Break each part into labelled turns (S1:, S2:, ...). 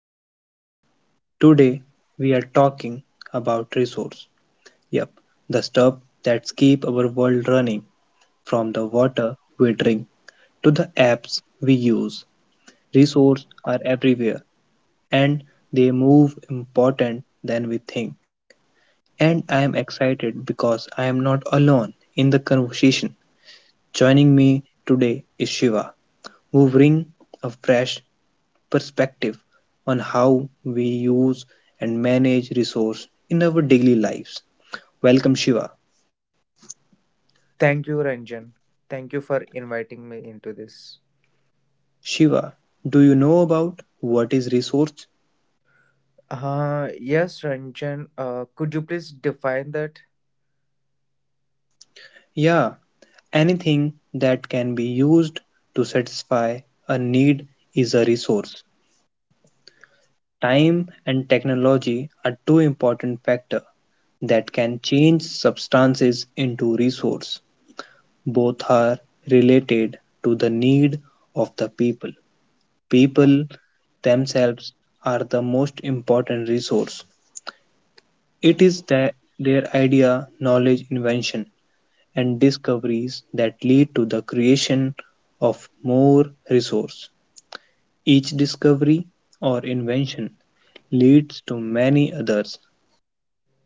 S1: everyone. Today we are talking about resource. Yep, the stuff that keep our world running from the water we drink to the apps we use. Resources are everywhere and they move important than we think. And I am excited because I am not alone in the conversation. Joining me today is Shiva, who bring a fresh perspective on how we use and manage resource in our daily lives. Welcome Shiva.
S2: Thank you, Ranjan. Thank you for inviting me into this.
S1: Shiva, do you know about what is resource?
S2: Yes, Ranjan. Could you please define that?
S1: Yeah, anything that can be used to satisfy a need is a resource. Time and technology are two important factors that can change substances into resource. Both are related to the need of the people. People themselves are the most important resource. It is their idea, knowledge, invention, and discoveries that lead to the creation of more resource. Each discovery or invention leads to many others.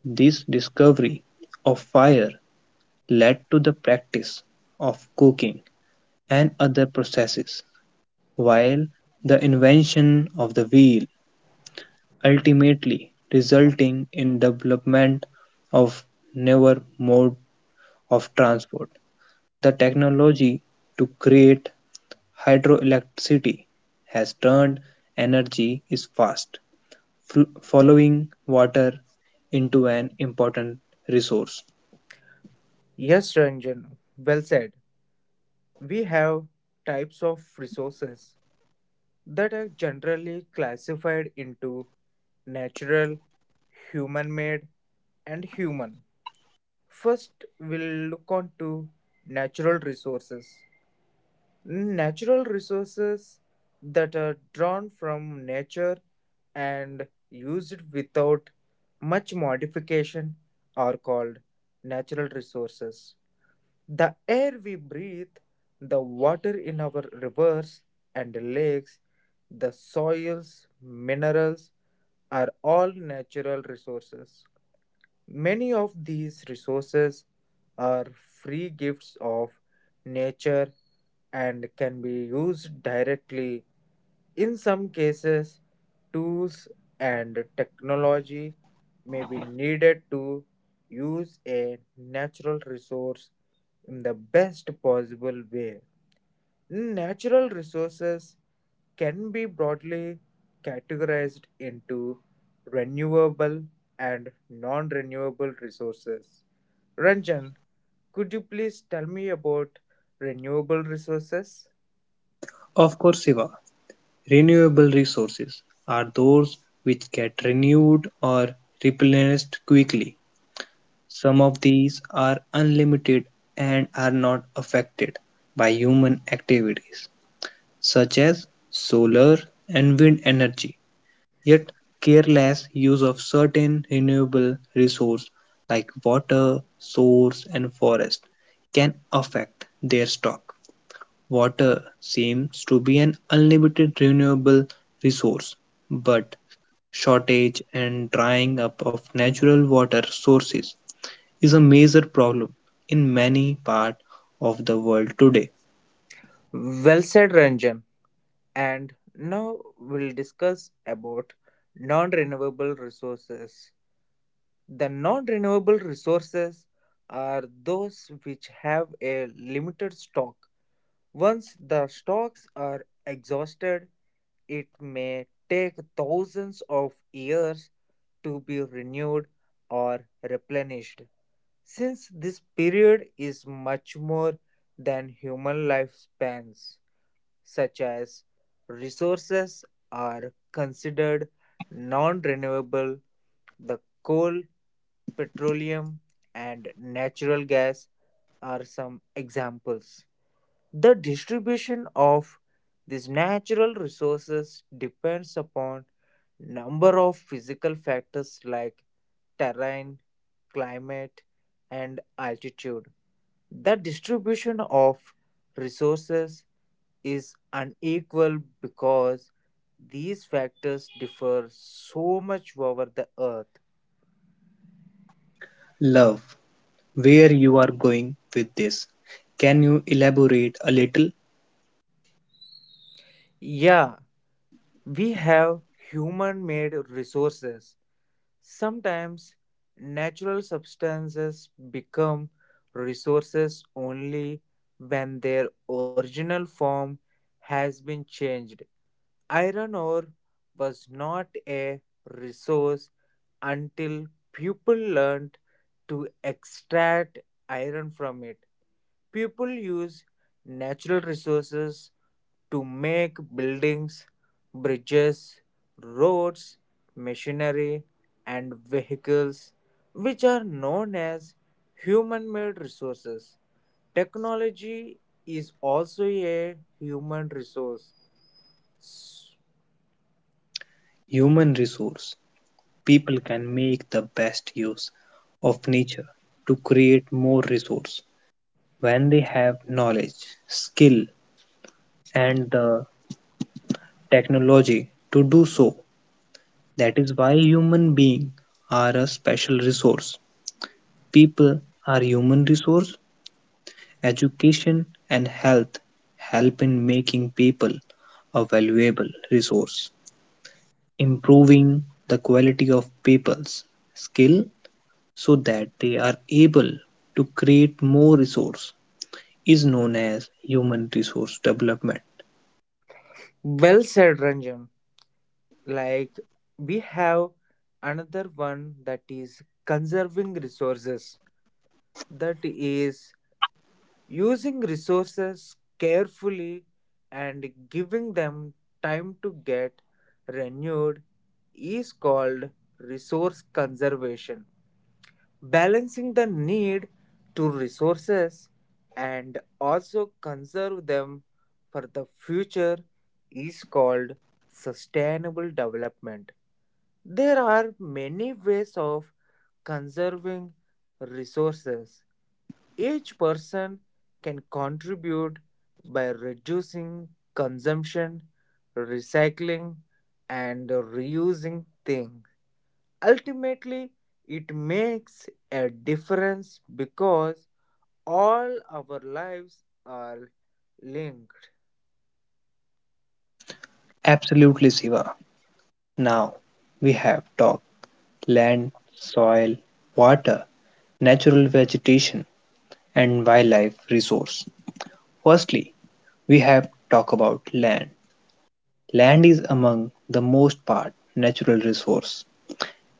S1: This discovery of fire led to the practice of cooking and other processes, while the invention of the wheel ultimately resulting in development of newer mode of transport. The technology to create hydroelectricity has turned energy is fast, following water into an important resource.
S2: Yes, Ranjan. Well said. We have types of resources that are generally classified into natural, human made, and human. First, we'll look on to natural resources. Natural resources that are drawn from nature and used without much modification are called natural resources. The air we breathe, the water in our rivers and lakes, the soils, minerals are all natural resources. Many of these resources are free gifts of nature and can be used directly. In some cases, tools and technology may be needed to use a natural resource in the best possible way. Natural resources can be broadly categorized into renewable and non renewable resources. Ranjan, could you please tell me about renewable resources?
S1: Of course, Siva, renewable resources are those which get renewed or replenished quickly. Some of these are unlimited and are not affected by human activities, such as solar and wind energy. Yet, careless use of certain renewable resources like water, source, and forest can affect their stock. Water seems to be an unlimited renewable resource, but shortage and drying up of natural water sources is a major problem in many parts of the world today.
S2: Well said, Ranjan. And now we'll discuss about non renewable resources. The non renewable resources are those which have a limited stock. Once the stocks are exhausted, it may take thousands of years to be renewed or replenished. Since this period is much more than human lifespans, such as resources are considered non renewable, the coal, petroleum, and natural gas are some examples. The distribution of these natural resources depends upon number of physical factors like terrain, climate, and altitude. The distribution of resources is unequal because these factors differ so much over the earth.
S1: Love, where you are going with this? Can you elaborate a little?
S2: Yeah, we have human made resources. Sometimes natural substances become resources only when their original form has been changed. Iron ore was not a resource until people learned to extract iron from it. People used natural resources to make buildings, bridges, roads, machinery, and vehicles, which are known as human made resources. Technology is also a human resource.
S1: Human resource. People can make the best use of nature to create more resource when they have knowledge, skill, and the technology to do so. That is why human beings are a special resource. People are human resource. Education and health help in making people a valuable resource, improving the quality of people's skill so that they are able to create more resource is known as human resource development.
S2: Well said, Ranjan. Like, we have another one that is conserving resources, that is using resources carefully and giving them time to get renewed, is called resource conservation. Balancing the need to resources and also conserve them for the future is called sustainable development. There are many ways of conserving resources. Each person can contribute by reducing consumption, recycling, and reusing things. Ultimately, it makes a difference because all our lives are linked.
S1: Absolutely, Siva. Now we have talked land, soil, water, natural vegetation, and wildlife resource. Firstly, we have talked about land. Land is among the most part natural resource;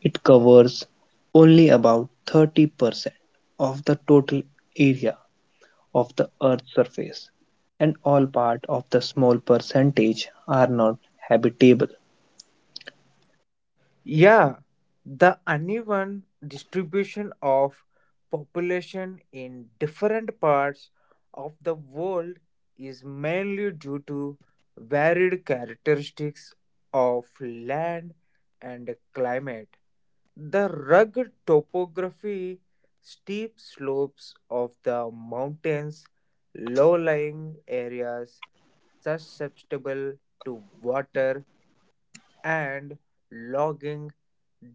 S1: it covers only about 30% of the total area of the earth's surface, and all part of the small percentage are not habitable.
S2: Yeah, the uneven distribution of population in different parts of the world is mainly due to varied characteristics of land and climate. The rugged topography, steep slopes of the mountains, low lying areas susceptible to water and logging,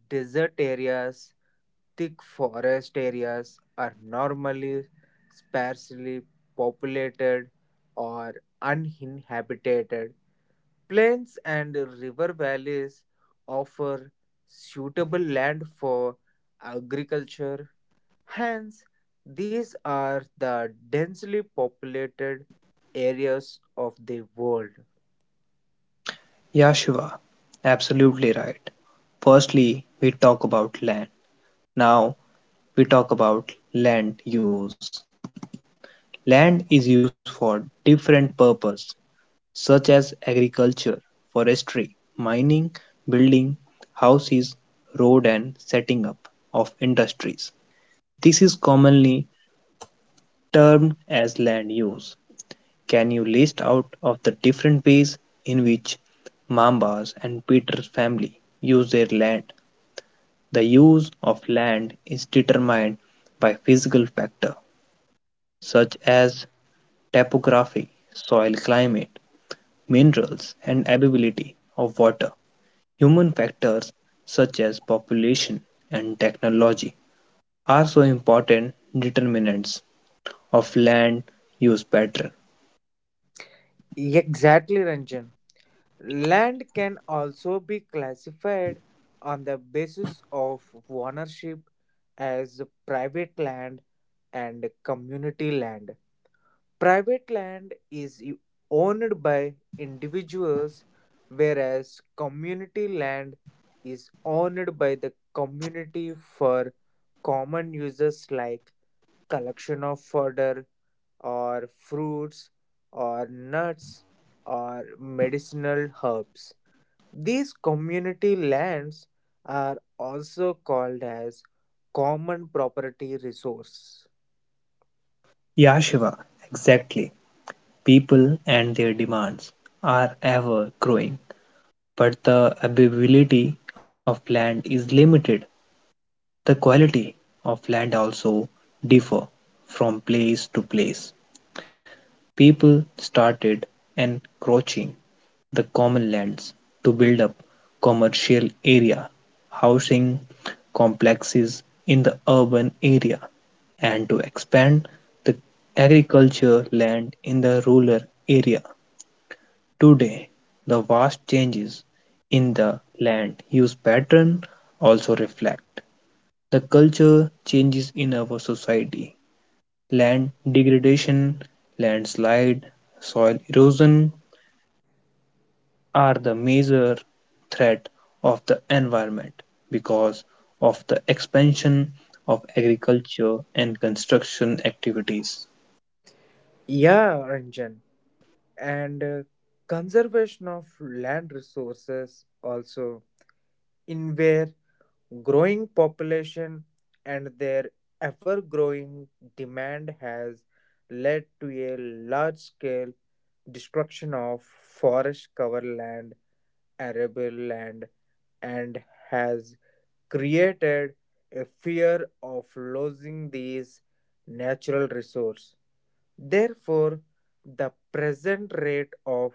S2: desert areas, thick forest areas are normally sparsely populated or uninhabited. Plains and river valleys offer suitable land for agriculture. Hence, these are the densely populated areas of the world.
S1: Yeah, Shiva, absolutely right. Firstly, we talk about land. Now we talk about land use. Land is used for different purposes, such as agriculture, forestry, mining, building houses, road and setting up of industries. This is commonly termed as land use. Can you list out of the different ways in which Mambas and Peter's family use their land? The use of land is determined by physical factors such as topography, soil climate, minerals, and availability of water. Human factors such as population and technology are so important determinants of land use pattern.
S2: Exactly, Ranjan. Land can also be classified on the basis of ownership as private land and community land. Private land is owned by individuals, whereas community land is owned by the community for common uses like collection of fodder, or fruits or nuts or medicinal herbs. These community lands are also called as common property resource.
S1: Yeah, Shiva, exactly. People and their demands are ever growing, but the availability of land is limited. The quality of land also differ from place to place. People started encroaching the common lands to build up commercial area, housing complexes in the urban area, and to expand the agriculture land in the rural area. Today, the vast changes in the land use pattern also reflect the culture changes in our society. Land degradation, landslide, soil erosion are the major threat of the environment because of the expansion of agriculture and construction activities.
S2: Yeah, Ranjan. And conservation of land resources also, in where. Growing population and their ever growing demand has led to a large scale destruction of forest cover land, arable land, and has created a fear of losing these natural resources. Therefore, the present rate of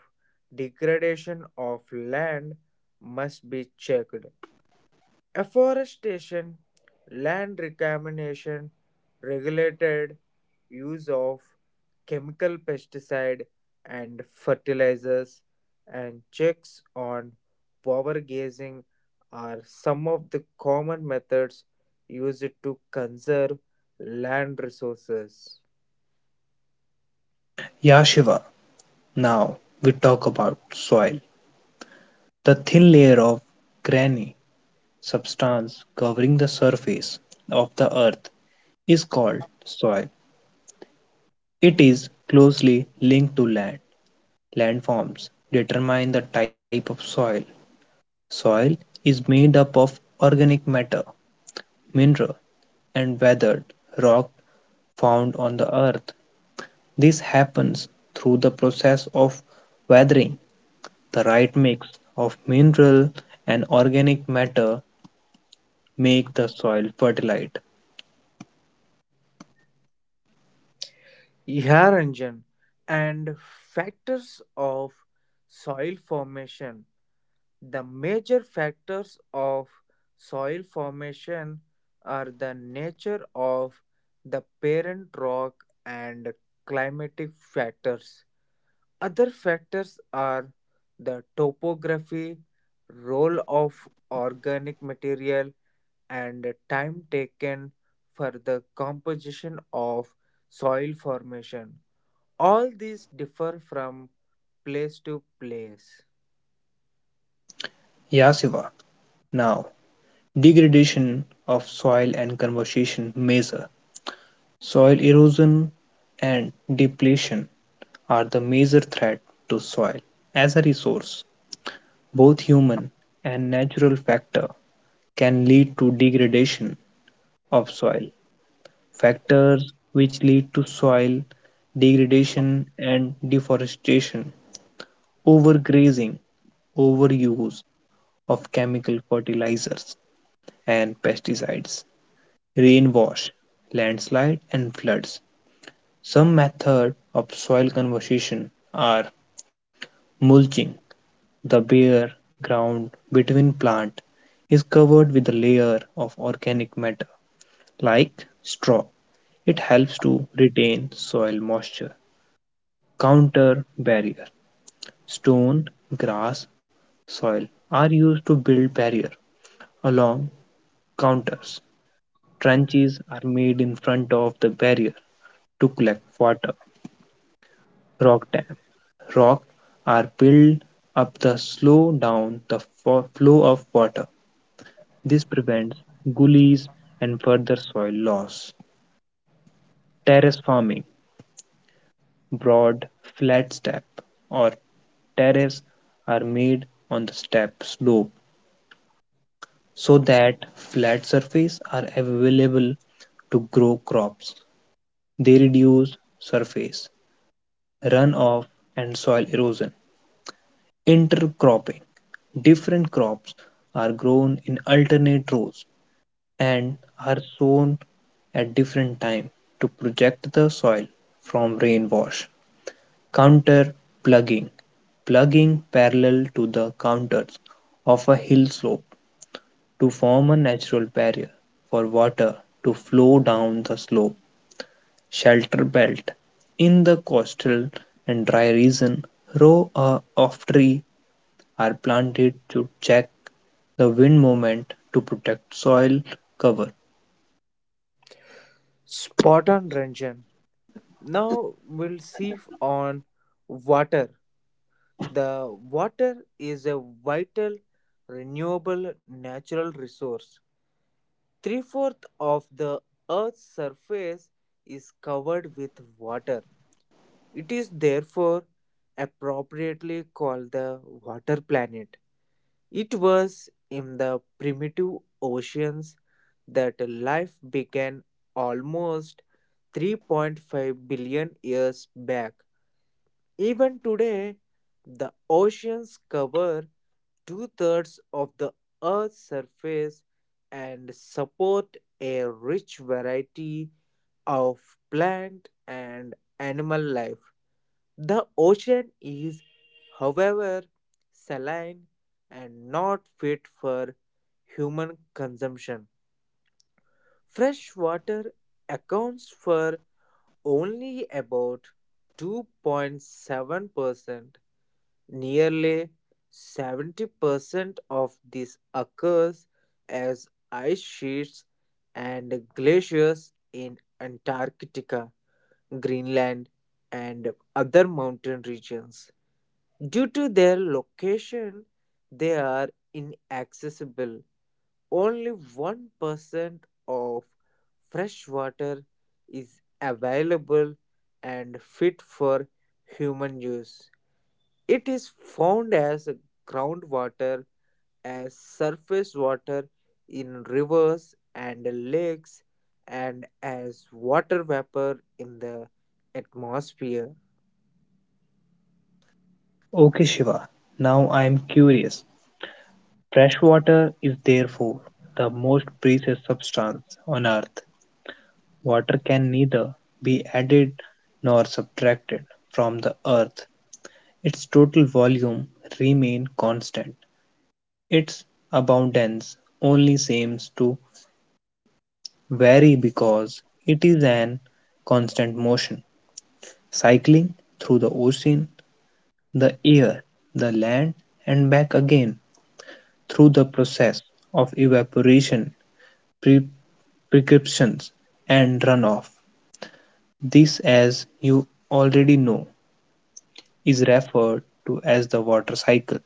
S2: degradation of land must be checked. Afforestation, land reclamation, regulated use of chemical pesticide and fertilizers, and checks on power grazing are some of the common methods used to conserve land resources.
S1: Yeah, Shiva, now we talk about soil. The thin layer of granny substance covering the surface of the earth is called soil. It is closely linked to land. Landforms determine the type of soil. Soil is made up of organic matter, mineral, and weathered rock found on the earth. This happens through the process of weathering. The right mix of mineral and organic matter make the soil fertile.
S2: Yeah, Ranjan, and factors of soil formation. The major factors of soil formation are the nature of the parent rock and climatic factors. Other factors are the topography, role of organic material, and time taken for the composition of soil formation. All these differ from place to place.
S1: Yeah. Now, degradation of soil and conservation measure. Soil erosion and depletion are the major threat to soil as a resource. Both human and natural factor can lead to degradation of soil. Factors which lead to soil degradation and deforestation, overgrazing, overuse of chemical fertilizers and pesticides, rain wash, landslide and floods. Some methods of soil conservation are mulching. The bare ground between plants is covered with a layer of organic matter like straw. It helps to retain soil moisture. Counter barrier. Stone, grass, soil are used to build barrier along counters. Trenches are made in front of the barrier to collect water. Rock dam. Rock are built up to slow down the flow of water. This prevents gullies and further soil loss. Terrace farming, broad, flat steps or terraces, are made on the step slope so that flat surfaces are available to grow crops. They reduce surface runoff and soil erosion. Intercropping. Different crops are grown in alternate rows and are sown at different times to protect the soil from rain wash. Counter plugging. Plugging parallel to the counters of a hill slope to form a natural barrier for water to flow down the slope. Shelter belt. In the coastal and dry region, row of tree are planted to check the wind moment to protect soil cover.
S2: Spot on, Ranjan. Now we'll see on water. The water is a vital, renewable natural resource. Three-fourths of the Earth's surface is covered with water. It is therefore appropriately called the water planet. It was in the primitive oceans that life began almost 3.5 billion years back. Even today, the oceans cover two-thirds of the Earth's surface and support a rich variety of plant and animal life. The ocean is, however, saline and not fit for human consumption. Fresh water accounts for only about 2.7%. Nearly 70% of this occurs as ice sheets and glaciers in Antarctica, Greenland, and other mountain regions. Due to their location, they are inaccessible. Only 1% of fresh water is available and fit for human use. It is found as groundwater, as surface water in rivers and lakes, and as water vapor in the atmosphere.
S1: Okay, Shiva, now I am curious. Fresh water is therefore the most precious substance on earth. Water can neither be added nor subtracted from the earth. Its total volume remains constant. Its abundance only seems to vary because it is an constant motion, cycling through the ocean the air, the land, and back again through the process of evaporation, pre- precipitations, and runoff. This, as you already know, is referred to as the water cycle.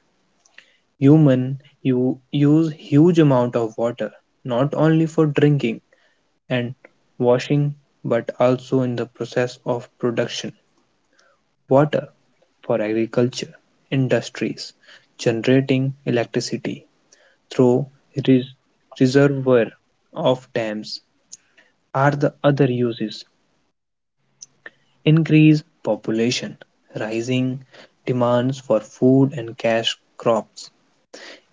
S1: Human you use huge amount of water not only for drinking and washing but also in the process of production. Water for agriculture, industries, generating electricity, through res- reservoir of dams are the other uses. Increase population, rising demands for food and cash crops,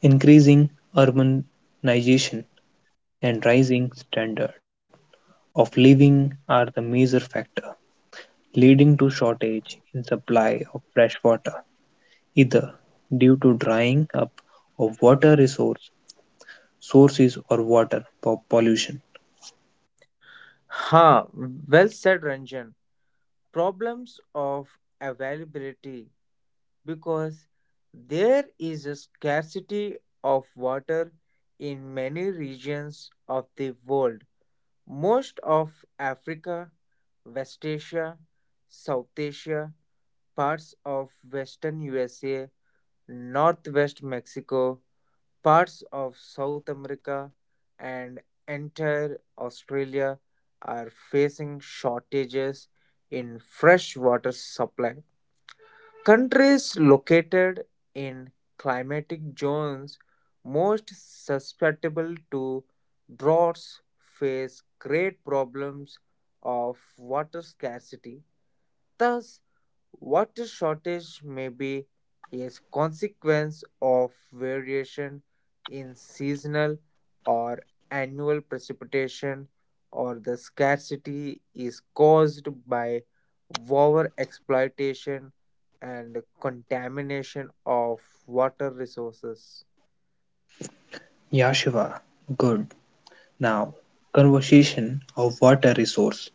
S1: increasing urbanization and rising standard of living are the major factor leading to shortage in supply of fresh water, either due to drying up of water resource sources or water pollution.
S2: Ha, well said, Ranjan. Problems of availability because there is a scarcity of water in many regions of the world. Most of Africa, West Asia, South Asia, parts of western USA, northwest Mexico, parts of South America, and entire Australia are facing shortages in fresh water supply. Countries located in climatic zones most susceptible to droughts face great problems of water scarcity. Thus, water shortage may be a consequence of variation in seasonal or annual precipitation, or the scarcity is caused by over exploitation and contamination of water resources.
S1: Yashiva, good. Now, conservation of water resource.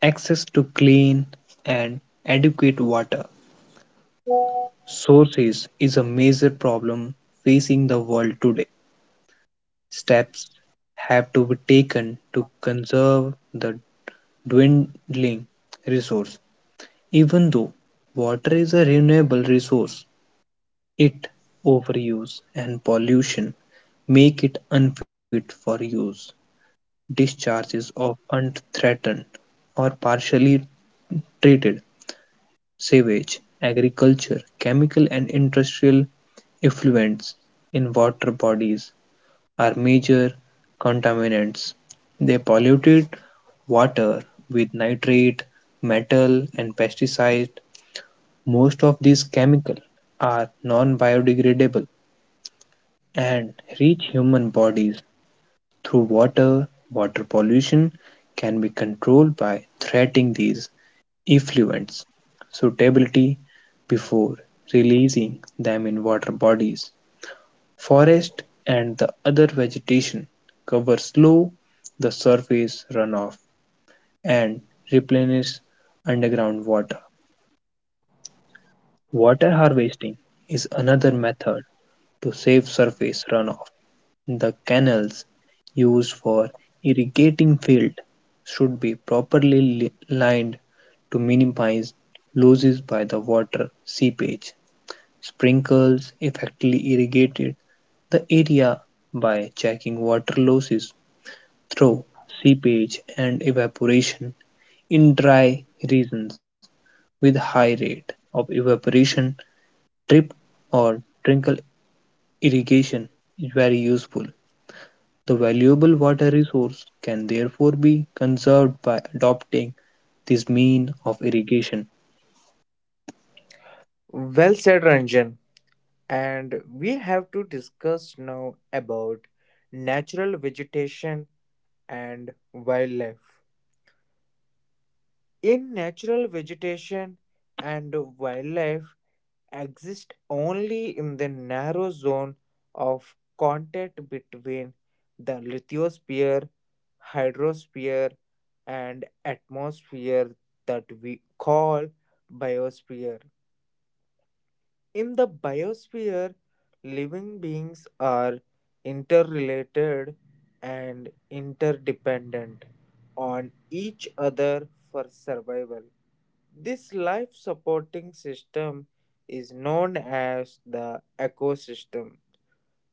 S1: Access to clean and adequate water sources is a major problem facing the world today. Steps have to be taken to conserve the dwindling resource. Even though water is a renewable resource, its overuse and pollution make it unfit for use. Discharges of unthreatened or partially treated sewage, agriculture, chemical and industrial effluents in water bodies are major contaminants. They polluted water with nitrate, metal and pesticides. Most of these chemicals are non-biodegradable and reach human bodies through water, water pollution can be controlled by treating these effluents suitability before releasing them in water bodies. Forest and the other vegetation cover slow the surface runoff and replenish underground water. Water harvesting is another method to save surface runoff. The canals used for irrigating fields should be properly lined to minimize losses by the water seepage. Sprinkles effectively irrigated the area by checking water losses through seepage and evaporation in dry regions with high rate of evaporation drip or trickle irrigation is very useful. The valuable water resource can therefore be conserved by adopting this mean of irrigation.
S2: Well said, Ranjan. And we have to discuss now about natural vegetation and wildlife. In natural vegetation and wildlife exist only in the narrow zone of contact between the lithosphere, hydrosphere, and atmosphere that we call biosphere. In the biosphere, living beings are interrelated and interdependent on each other for survival. This life supporting system is known as the ecosystem.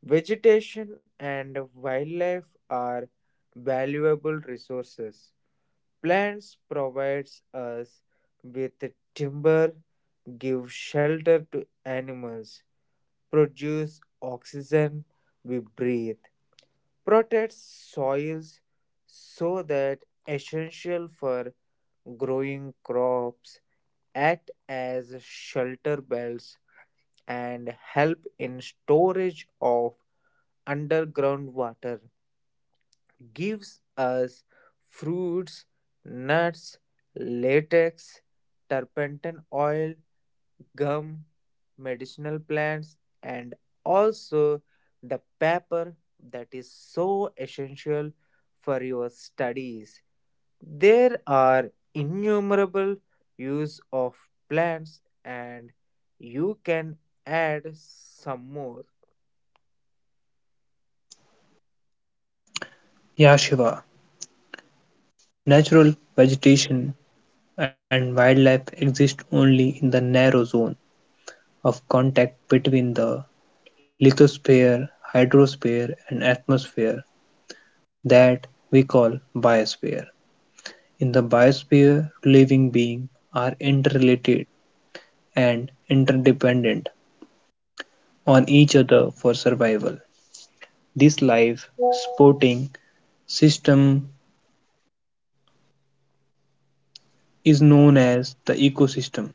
S2: Vegetation and wildlife are valuable resources. Plants provides us with timber, give shelter to animals, produce oxygen we breathe, protect soils so that essential for growing crops act as shelter belts and help in storage of underground water gives us fruits nuts latex turpentine oil gum, medicinal plants, and also the paper that is so essential for your studies. There are innumerable use of plants and you can add some more.
S1: Yeah, Shiva. Natural vegetation and wildlife exist only in the narrow zone of contact between the lithosphere, hydrosphere, and atmosphere that we call biosphere. In the biosphere, living beings are interrelated and interdependent on each other for survival. This life supporting system is known as the ecosystem.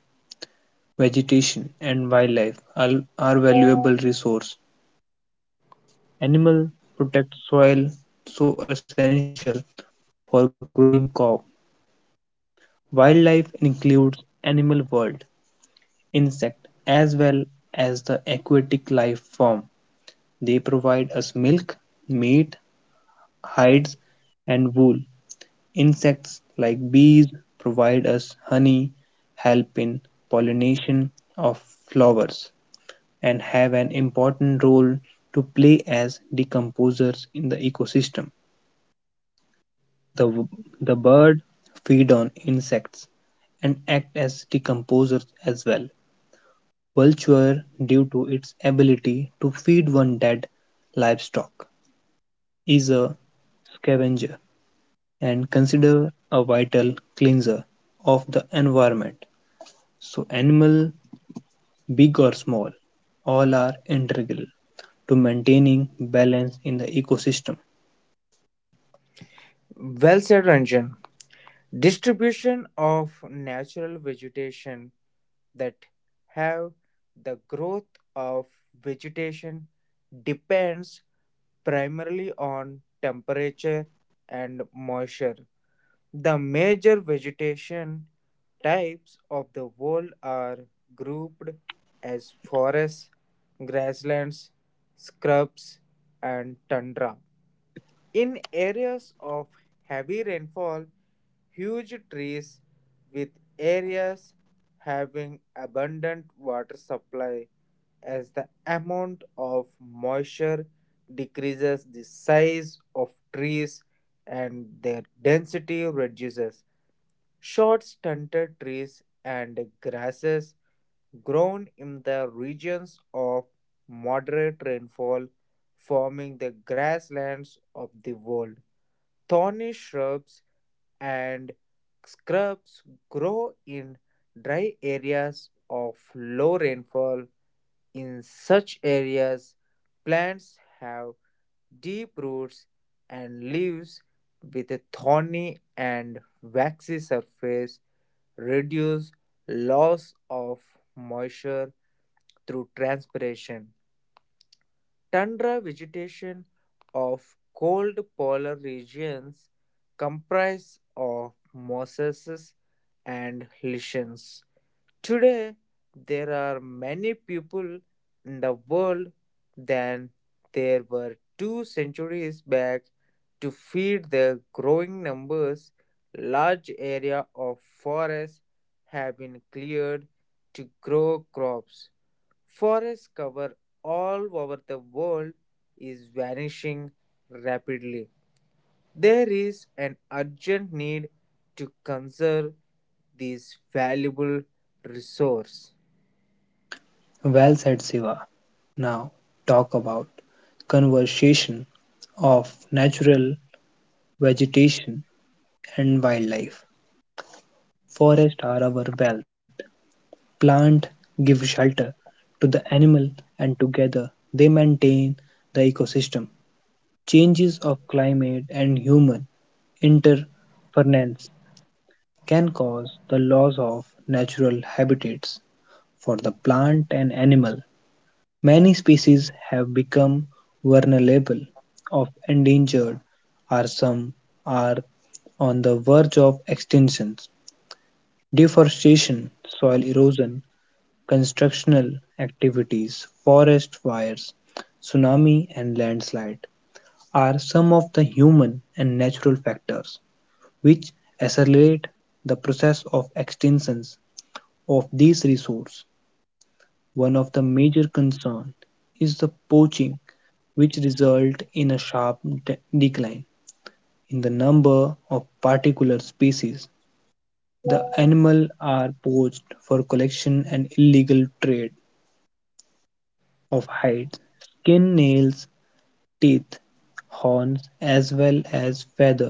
S1: Vegetation and wildlife are valuable resource. Animal protect soil so essential for growing crop. Wildlife includes animal world, insect as well as the aquatic life form. They provide us milk, meat, hides and wool. Insects like bees provide us honey, help in pollination of flowers, and have an important role to play as decomposers in the ecosystem. The, the bird feed on insects and act as decomposers as well. Vulture, due to its ability to feed on dead livestock, is a scavenger and considered a vital cleanser of the environment. So animal, big or small, all are integral to maintaining balance in the ecosystem.
S2: Well said, Ranjan. Distribution of natural vegetation that have the growth of vegetation depends primarily on temperature and moisture. The major vegetation types of the world are grouped as forests, grasslands, scrubs, and tundra. In areas of heavy rainfall, huge trees with areas having abundant water supply as the amount of moisture decreases, the size of trees and their density reduces. Short stunted trees and grasses grown in the regions of moderate rainfall, forming the grasslands of the world. Thorny shrubs and scrubs grow in dry areas of low rainfall in such areas, plants have deep roots and leaves with a thorny and waxy surface, reduce loss of moisture through transpiration. Tundra vegetation of cold polar regions comprise of mosses and lichens. Today, there are many people in the world than there were 2 centuries back. To feed their growing numbers, large area of forests have been cleared to grow crops. Forest cover all over the world is vanishing rapidly. There is an urgent need to conserve this valuable resource.
S1: Well said, Siva. Now talk about conservation of natural vegetation and wildlife. Forests are our wealth. Plant give shelter to the animal and together they maintain the ecosystem. Changes of climate and human interference can cause the loss of natural habitats for the plant and animal. Many species have become vulnerable of endangered or some are on the verge of extinction. Deforestation, soil erosion, constructional activities, forest fires, tsunami and landslide are some of the human and natural factors which accelerate the process of extinction of these resources, one of the major concerns is the poaching, which result in a sharp decline in the number of particular species. The animal are poached for collection and illegal trade of hides, skin, nails, teeth, horns, as well as feathers.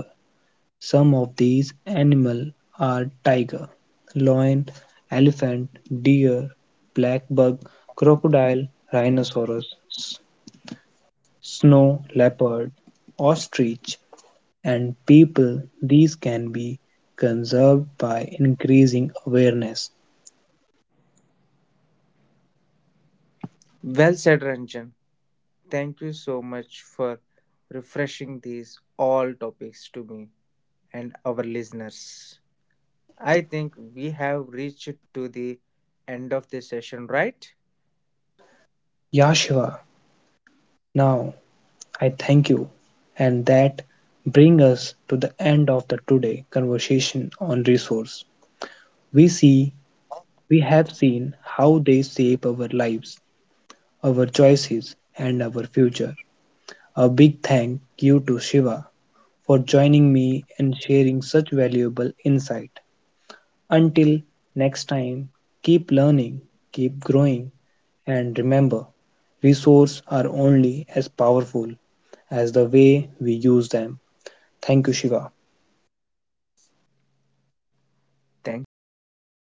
S1: Some of these animals are tiger, lion, elephant, deer, black buck, crocodile, rhinoceros, snow leopard, ostrich, and people. These can be conserved by increasing awareness.
S2: Well said, Ranjan. Thank you so much for refreshing these all topics to me and our listeners. I think we have reached to the end of the session, right?
S1: Yashua, now I thank you, and that brings us to the end of the today conversation on resource. We see We have seen how they shape our lives, our choices, and our future. A big thank you to Shiva for joining me and sharing such valuable insight. Until next time, keep learning, keep growing, and remember resources are only as powerful as the way we use them. Thank you, Shiva.
S2: Thank you, guys.